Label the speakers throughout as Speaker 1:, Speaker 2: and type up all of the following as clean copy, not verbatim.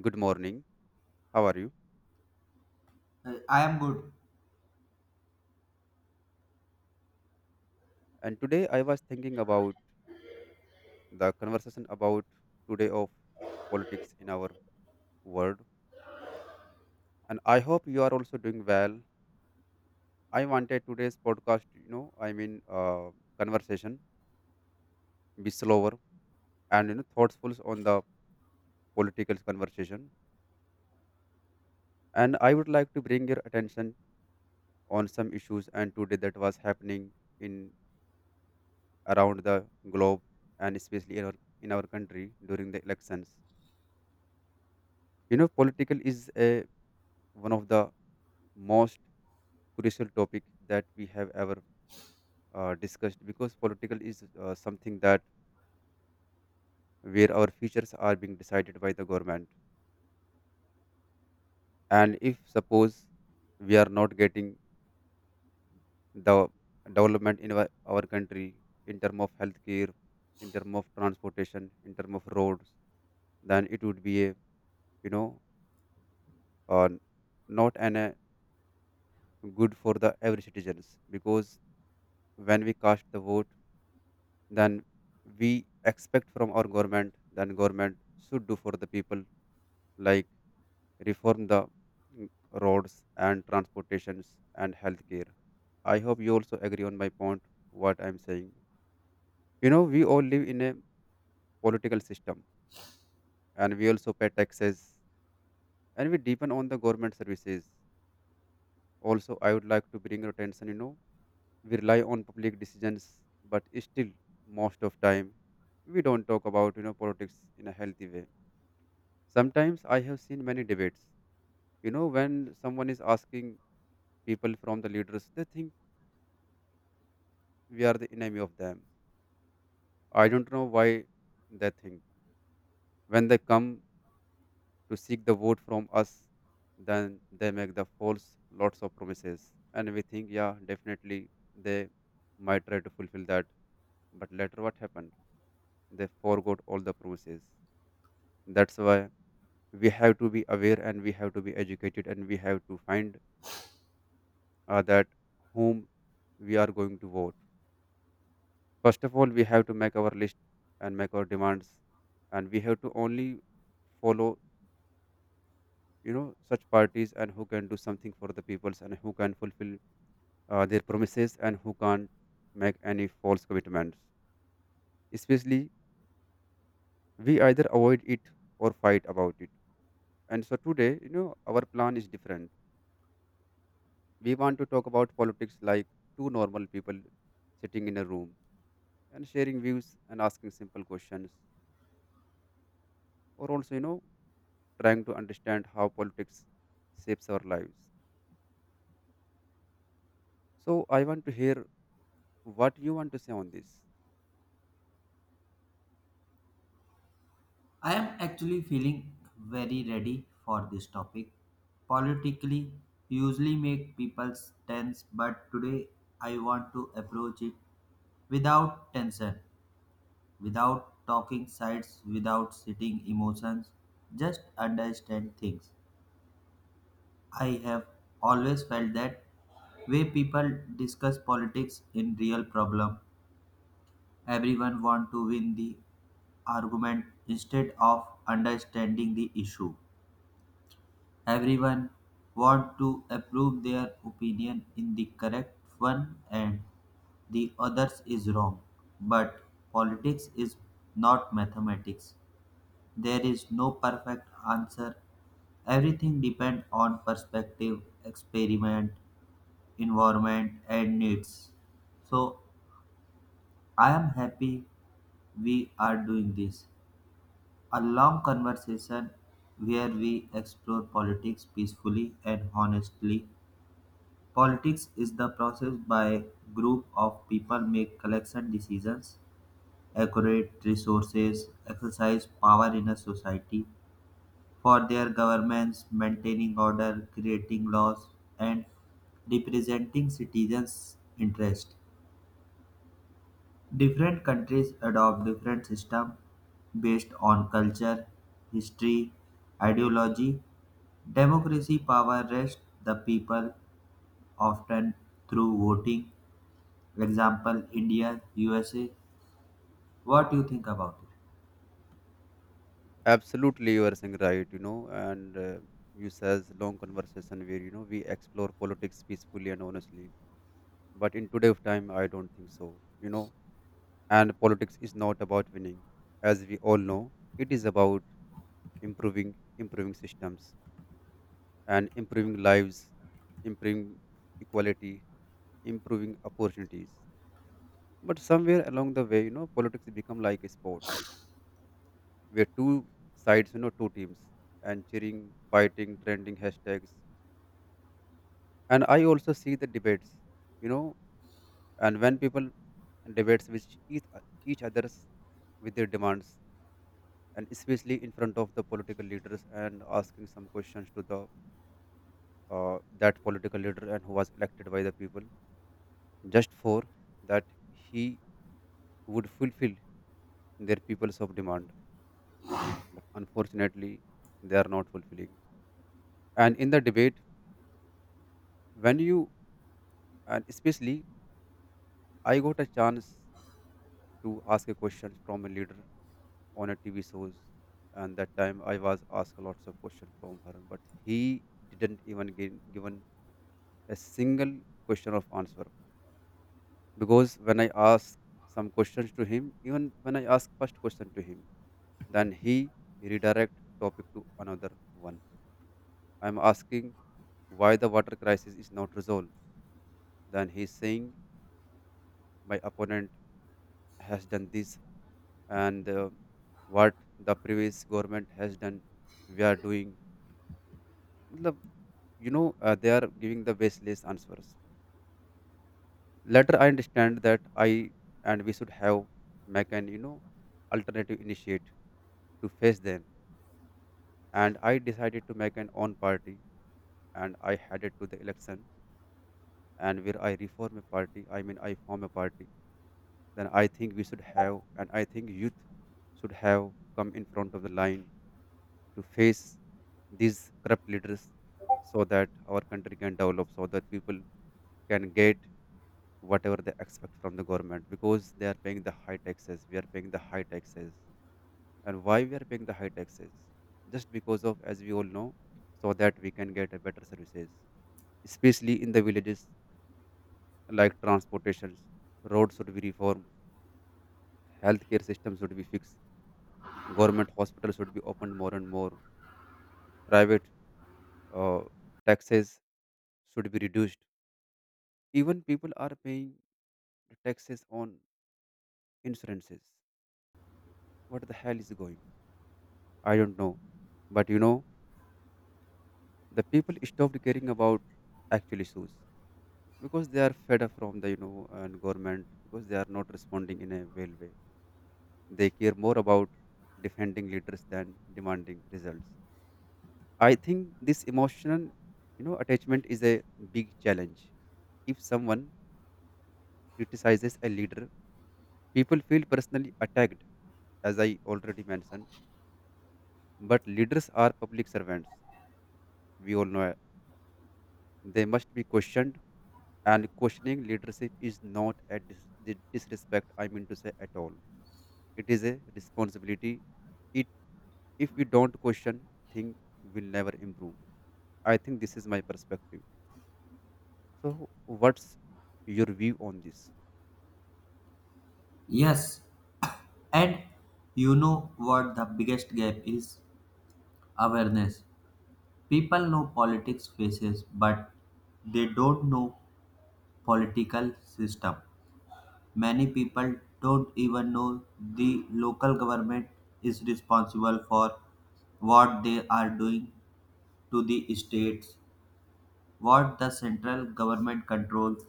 Speaker 1: Good morning. How are you?
Speaker 2: I am good.
Speaker 1: And today I was thinking about the conversation about today of politics in our world. And I hope you are also doing well. I wanted today's podcast, conversation be slower and you know thoughtful on the political conversation. And I would like to bring your attention on some issues and today that was happening in around the globe and especially in our country during the elections. You know, political is a one of the most crucial topic that we have ever discussed because political is something that where our futures are being decided by the government. And if suppose we are not getting the development in our country, in term of healthcare, in term of transportation, in term of roads, then it would be a you know uh, not an a good for the every citizens, because when we cast the vote than we expect from our government than government should do for the people, like reform the mm, roads and transportations and healthcare. I hope you also agree on my point what I'm saying. You know, we all live in a political system, and we also pay taxes, and we depend on the government services. Also I would like to bring your attention, you know, we rely on public decisions, but still most of time we don't talk about politics in a healthy way. Sometimes I have seen many debates. You know, when someone is asking people from the leaders, they think we are the enemy of them. I don't know why they think. When they come to seek the vote from us, then they make the false lots of promises. And we think, yeah, definitely they might try to fulfill that. But later, what happened? They forgot all the promises. That's why we have to be aware, and we have to be educated, and we have to find that whom we are going to vote. First of all, we have to make our list and make our demands, and we have to only follow, you know, such parties and who can do something for the peoples and who can fulfill their promises and who can't make any false commitments. Especially, we either avoid it or fight about it. And so today, you know, our plan is different. We want to talk about politics like two normal people sitting in a room and sharing views and asking simple questions, or also you know trying to understand how politics shapes our lives. So I want to hear what you want to say on this.
Speaker 2: I am actually feeling very ready for this topic. Politically, usually make people tense, but today I want to approach it without tension, without talking sides, without sitting emotions, just understand things. I have always felt that way people discuss politics in real problem. Everyone want to win the argument instead of understanding the issue. Everyone want to approve their opinion in the correct one and the others is wrong. But politics is not mathematics. There is no perfect answer. Everything depends on perspective, experiment, environment, and needs. So I am happy we are doing this. A long conversation where we explore politics peacefully and honestly. Politics is the process by group of people make collection decisions, accurate resources, exercise power in a society for their governments, maintaining order, creating laws, and representing citizens' interest. Different countries adopt different systems based on culture, history, ideology, democracy power rests the people, often through voting. Example India, USA. What do you think about it?
Speaker 1: Absolutely, you are saying right. You know, and you says long conversation where you know we explore politics peacefully and honestly, but in today's time I don't think so, you know. And politics is not about winning, as we all know. It is about improving, improving systems, and improving lives, improving equality, improving opportunities. But somewhere along the way, you know, politics become like a sport where two sides, you know, two teams and cheering, fighting, trending hashtags. And I also see the debates, you know, and when people debates with each others with their demands, and especially in front of the political leaders and asking some questions to the that political leader and who was elected by the people just for that he would fulfill their people's of demand. But unfortunately they are not fulfilling. And in the debate, when you and especially I got a chance to ask a question from a leader on a TV shows, and that time I was asked lots of questions from her, but he didn't even give, given a single question of answer, because when I asked some questions to him, even when I asked first question to him, then he redirect topic to another one. I'm asking, why the water crisis is not resolved? Then he is saying, my opponent has done this, and what the previous government has done, we are doing. Matlab, you know, they are giving the baseless answers. Later, I understand that I and we should have make an, you know, alternative initiate to face them. And I decided to make an own party, and I headed to the election, and where I reform a party, I mean I form a party, then I think we should have, and I think youth should have come in front of the line to face these corrupt leaders, so that our country can develop, so that people can get whatever they expect from the government, because they are paying the high taxes. We are paying the high taxes. And why we are paying the high taxes? Just because of, as we all know, so that we can get a better services, especially in the villages like transportations, roads should be reformed, healthcare system should be fixed, government hospitals should be opened more and more, private uh, taxes should be reduced. Even people are paying taxes on insurances. What the hell is going? I don't know. But you know, the people stopped caring about actual issues, because they are fed up from the and government, because they are not responding in a well way. They care more about defending leaders than demanding results. I think this emotional, you know, attachment is a big challenge. If someone criticizes a leader, people feel personally attacked, as I already mentioned. But leaders are public servants. We all know it. They must be questioned, and questioning leadership is not a disrespect, I mean to say, at all. It is a responsibility. It if we don't question, things will never improve. I think this is my perspective. So what's your view on this?
Speaker 2: Yes, and you know what the biggest gap is? Awareness. People know politics faces, but they don't know political system. Many people don't even know the local government is responsible for what they are doing to the states, what the central government controls,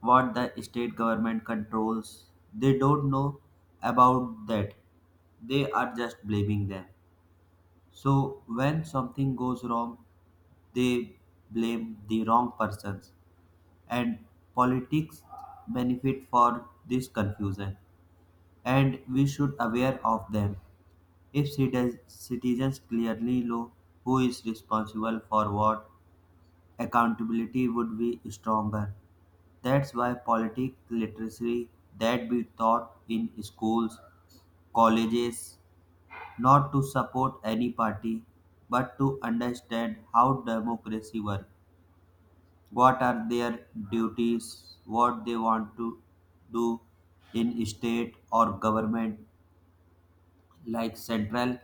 Speaker 2: what the state government controls. They don't know about that. They are just blaming them. So when something goes wrong, they blame the wrong persons and politics benefit for this confusion, and we should aware of them. If citizens clearly know who is responsible for what, accountability would be stronger. That's why political literacy that be taught in schools, colleges, not to support any party, but to understand how democracy works, what are their duties, what they want to do in state or government, like central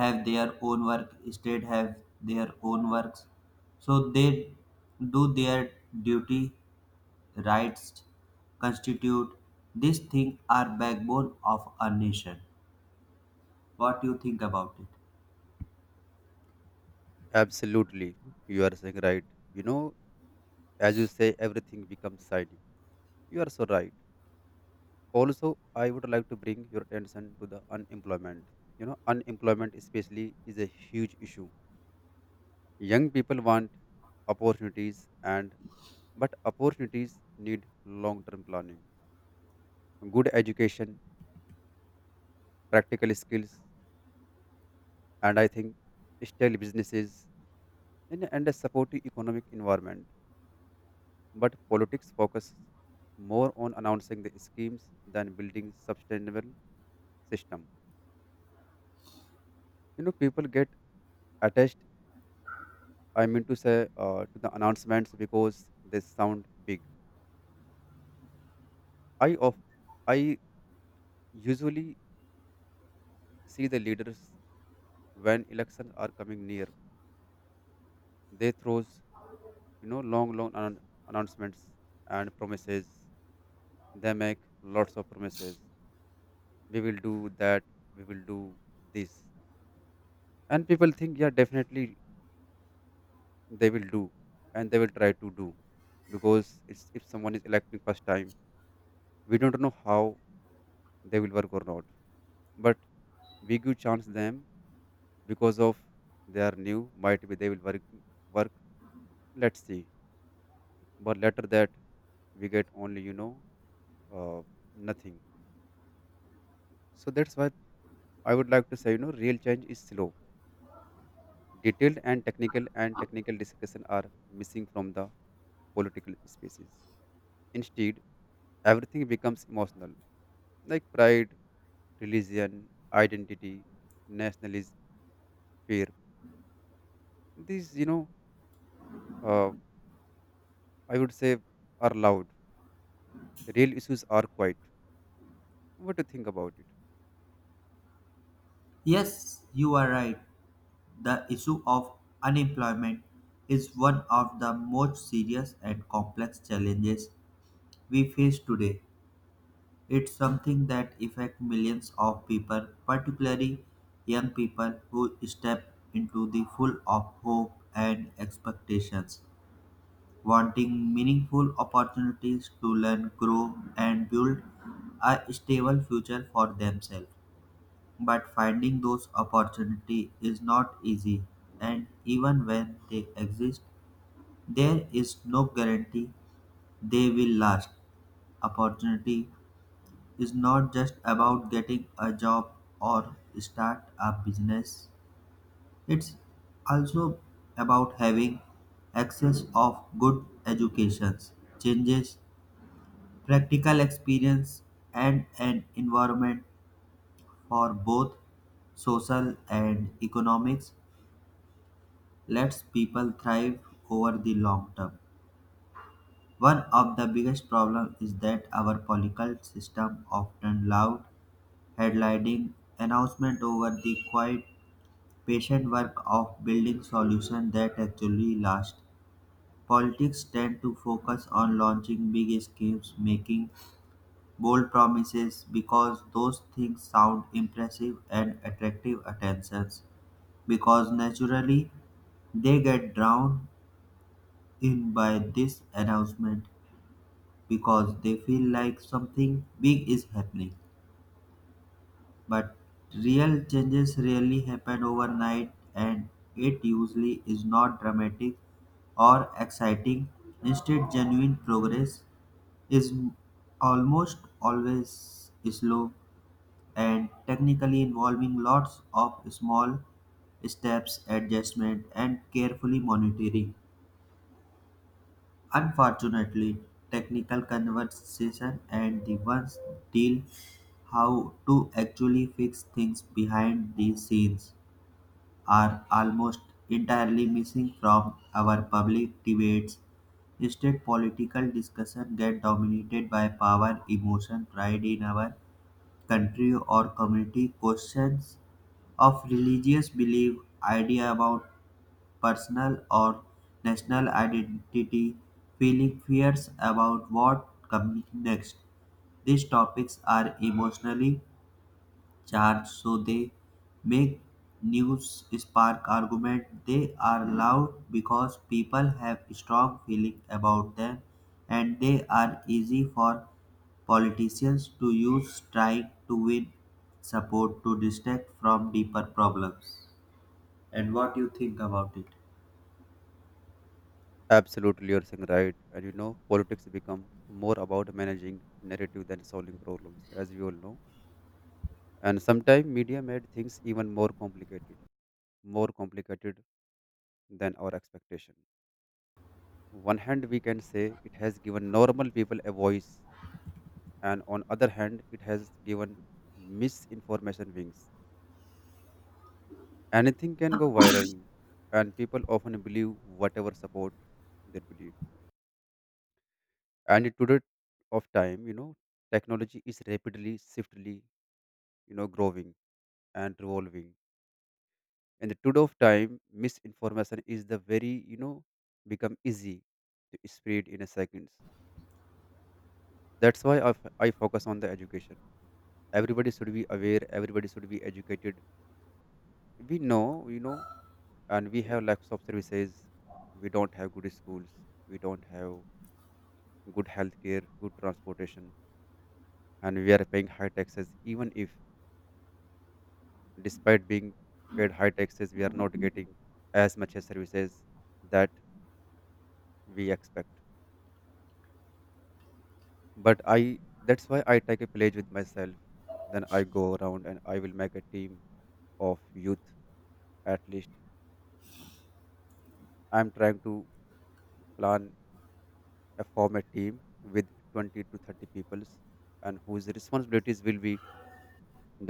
Speaker 2: have their own work, state have their own works. So they do their duty, rights, constitute, these things are backbone of a nation. What do you think about it?
Speaker 1: Absolutely, you are saying right. You know, as you say, everything becomes shiny. You are so right. Also, I would like to bring your attention to the unemployment. You know, unemployment, especially, is a huge issue. Young people want opportunities, and but opportunities need long-term planning, good education, practical skills, and I think still businesses and a supportive economic environment. But politics focus more on announcing the schemes than building sustainable system. You know, people get attached, I mean to say to the announcements because they sound big. I of I usually see the leaders when elections are coming near. They throws you know long announcements and promises. They make lots of promises. We will do that. We will do this. And people think, yeah, definitely they will do and they will try to do, because it's, if someone is electing first time, we don't know how they will work or not, but we give chance them, because of they are new, might be they will work, let's see. But later that we get only you know uh, nothing. So that's why I would like to say, you know, real change is slow. Detailed and technical discussion are missing from the political spaces. Instead, everything becomes emotional, like pride, religion, identity, nationalism, fear. These, you know, uh, I would say, are loud. Real issues are quiet. What do you think about it?
Speaker 2: Yes, you are right. The issue of unemployment is one of the most serious and complex challenges we face today. It's something that affects millions of people, particularly young people who step into the full of hope and expectations, wanting meaningful opportunities to learn, grow, and build a stable future for themselves. But finding those opportunities is not easy, and even when they exist, there is no guarantee they will last. Opportunity is not just about getting a job or start a business. It's also about having access of good educations, changes, practical experience, and an environment for both social and economics lets people thrive over the long term. One of the biggest problems is that our political system often loud headlining announcement over the quiet patient work of building solutions that actually last. Politics tend to focus on launching big schemes, making bold promises because those things sound impressive and attractive attentions. Because naturally they get drowned in by this announcement because they feel like something big is happening. But real changes rarely happen overnight, and it usually is not dramatic or exciting. Instead, genuine progress is almost always slow and technically involving lots of small steps, adjustment, and carefully monitoring. Unfortunately, technical conversation and the ones deal how to actually fix things behind the scenes are almost entirely missing from our public debates. Instead, political discussion get dominated by power, emotion, pride in our country or community, questions of religious belief, idea about personal or national identity, feeling fears about what comes next. These topics are emotionally charged, so they make news spark argument. They are loud because people have strong feeling about them, and they are easy for politicians to use trying to win support to distract from deeper problems. And what you think about it?
Speaker 1: Absolutely, you're saying right. And you know, politics become more about managing narrative than solving problems, as we all know. And sometimes media made things even more complicated than our expectation. One hand, we can say it has given normal people a voice, and on other hand, it has given misinformation wings. Anything can go viral, and people often believe whatever support they believe. And in today of time, you know, technology is rapidly, swiftly, you know, growing and revolving. In the today of time, misinformation is the very, you know, become easy to spread in a seconds. That's why I focus on the education. Everybody should be aware, everybody should be educated. We know, you know, and we have lack of services. We don't have good schools. We don't have good healthcare, good transportation. And we are paying high taxes, even if, despite being paid high taxes, we are not getting as much as services that we expect. But I, that's why I take a pledge with myself. Then I go around and I will make a team of youth. At least I'm trying to plan a form a team with 20 to 30 peoples, and whose responsibilities will be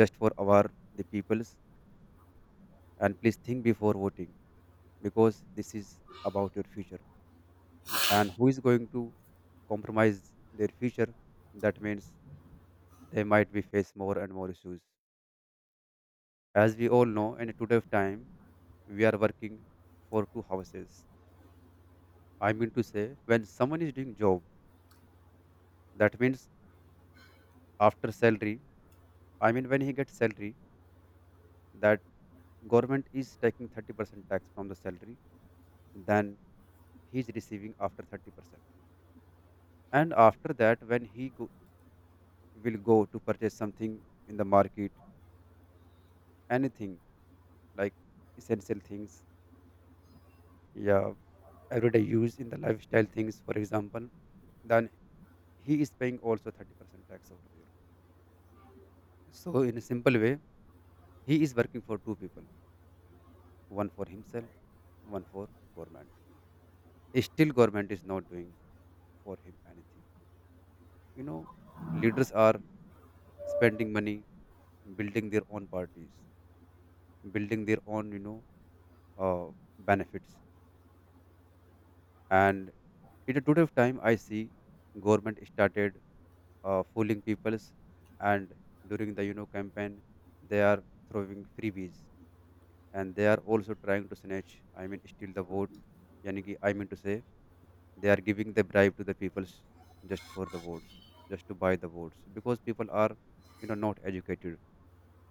Speaker 1: just for our the peoples. And please think before voting, because this is about your future. And who is going to compromise their future, that means they might be face more and more issues. As we all know, in today's time we are working for two houses, I mean to say, when someone is doing job, that means after salary, I mean, when he gets salary, that government is taking 30% tax from the salary, then he's receiving after 30%. And after that, when he go, will go to purchase something in the market, anything like essential things, yeah, everyday use in the lifestyle things, for example, then he is paying also 30% tax over there. So, in a simple way, he is working for two people, one for himself, one for government. Still, government is not doing for him anything, you know, leaders are spending money building their own parties, building their own, uh, benefits, and in a today time I see government started fooling peoples, and during the campaign they are throwing freebies, and they are also trying to snatch, I mean steal the vote. Yani ki, I mean to say, they are giving the bribe to the peoples just for the votes, just to buy the votes, because people are, you know, not educated.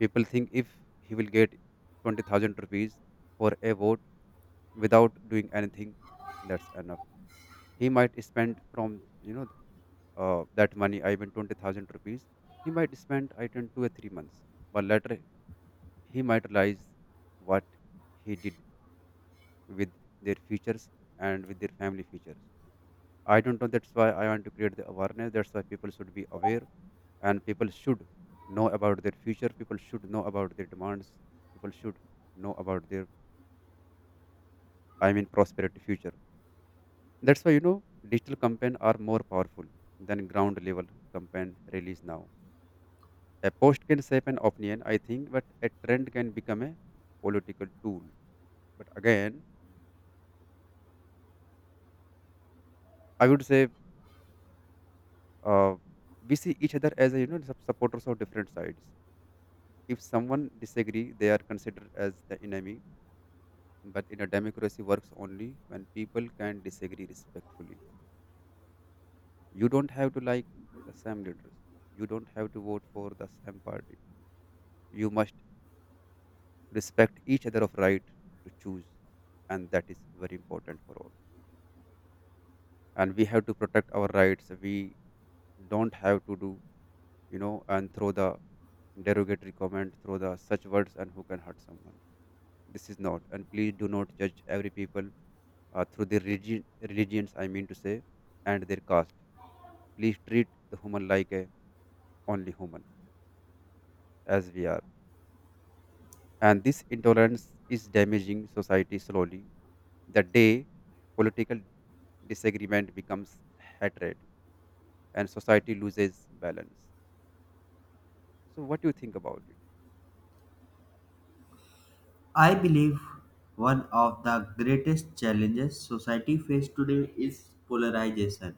Speaker 1: People think if he will get 20,000 rupees for a vote without doing anything, that's enough. He might spend from that money, I mean 20,000 rupees he might spend I think two or three months, but later he might realize what he did with their futures and with their family futures. I don't know. That's why I want to create the awareness. That's why people should be aware, and people should know about their future. People should know about their demands. People should know about their, I mean, prosperity future. That's why, you know, digital campaign are more powerful than ground level campaign release now. A post can shape an opinion, I think, but a trend can become a political tool. But again, I would say uh, we see each other as, a, you know, supporters of different sides. If someone disagree, they are considered as the enemy. But in a democracy, works only when people can disagree respectfully. You don't have to like the same leaders. You don't have to vote for the same party. You must respect each other of right to choose, and that is very important for all. And we have to protect our rights. We don't have to do, you know, and throw the derogatory comment, throw the such words, and who can hurt someone. This is not. And please do not judge every people through their religions, I mean to say, and their caste. Please treat the human like a only human, as we are. And this intolerance is damaging society slowly. The day political disagreement becomes hatred and society loses balance. So, what do you think about it?
Speaker 2: I believe one of the greatest challenges society faces today is polarization.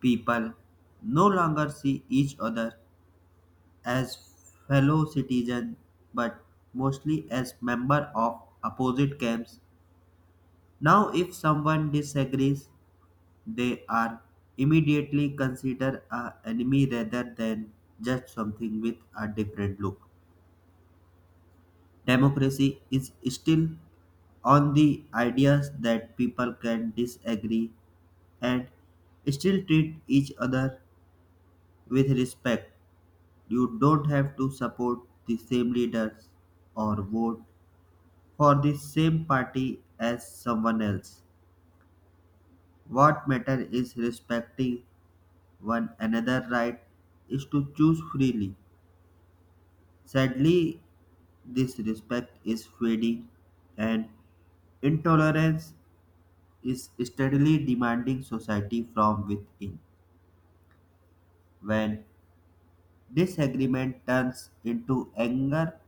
Speaker 2: People no longer see each other as fellow citizens, but mostly as members of opposite camps. Now, if someone disagrees, they are immediately considered an enemy rather than just something with a different look. Democracy is still on the ideas that people can disagree and still treat each other with respect. You don't have to support the same leaders or vote for the same party as someone else. What matters is respecting one another right is to choose freely. Sadly, this respect is fading and intolerance is steadily demanding society from within. When disagreement turns into anger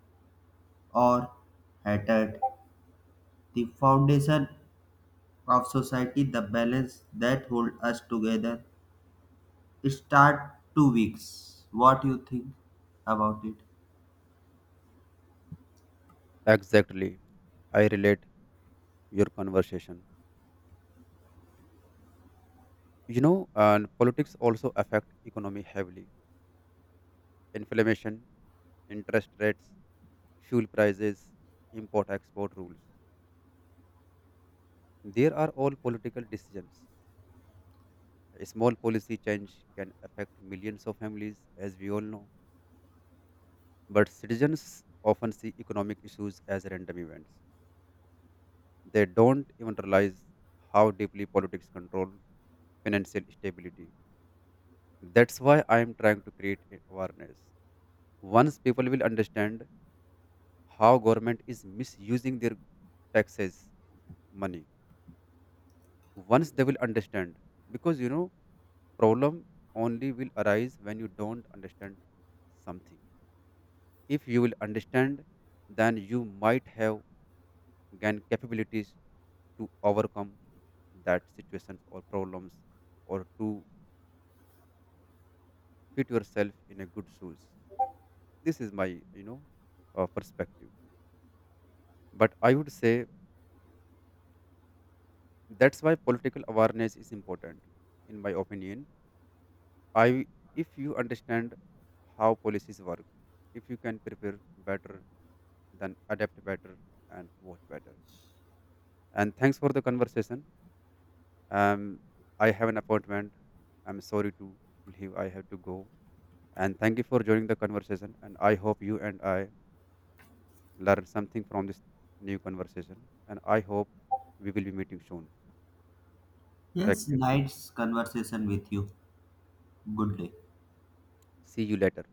Speaker 2: or hatred, the foundation of society, the balance that hold us together, start to weak. What you think about it?
Speaker 1: Exactly. I relate your conversation. You know, and politics also affect economy heavily. Inflammation, interest rates, fuel prices, import export rules. There are all political decisions. A small policy change can affect millions of families, as we all know. But citizens often see economic issues as random events. They don't even realize how deeply politics control financial stability. That's why I am trying to create awareness. Once people will understand how government is misusing their taxes money, once they will understand, because, you know, problem only will arise when you don't understand something. If you will understand, then you might have gained capabilities to overcome that situations or problems, or to fit yourself in a good shoes. This is my perspective. But I would say that's why political awareness is important. In my opinion, I, if you understand how policies work, if you can prepare better, then adapt better, and vote better. And thanks for the conversation. Um, I have an appointment. I'm sorry to leave. I have to go. And thank you for joining the conversation. And I hope you and I learn something from this new conversation. And I hope we will be meeting soon. Take
Speaker 2: Yes,
Speaker 1: care.
Speaker 2: nice conversation with you. Good day.
Speaker 1: See you later.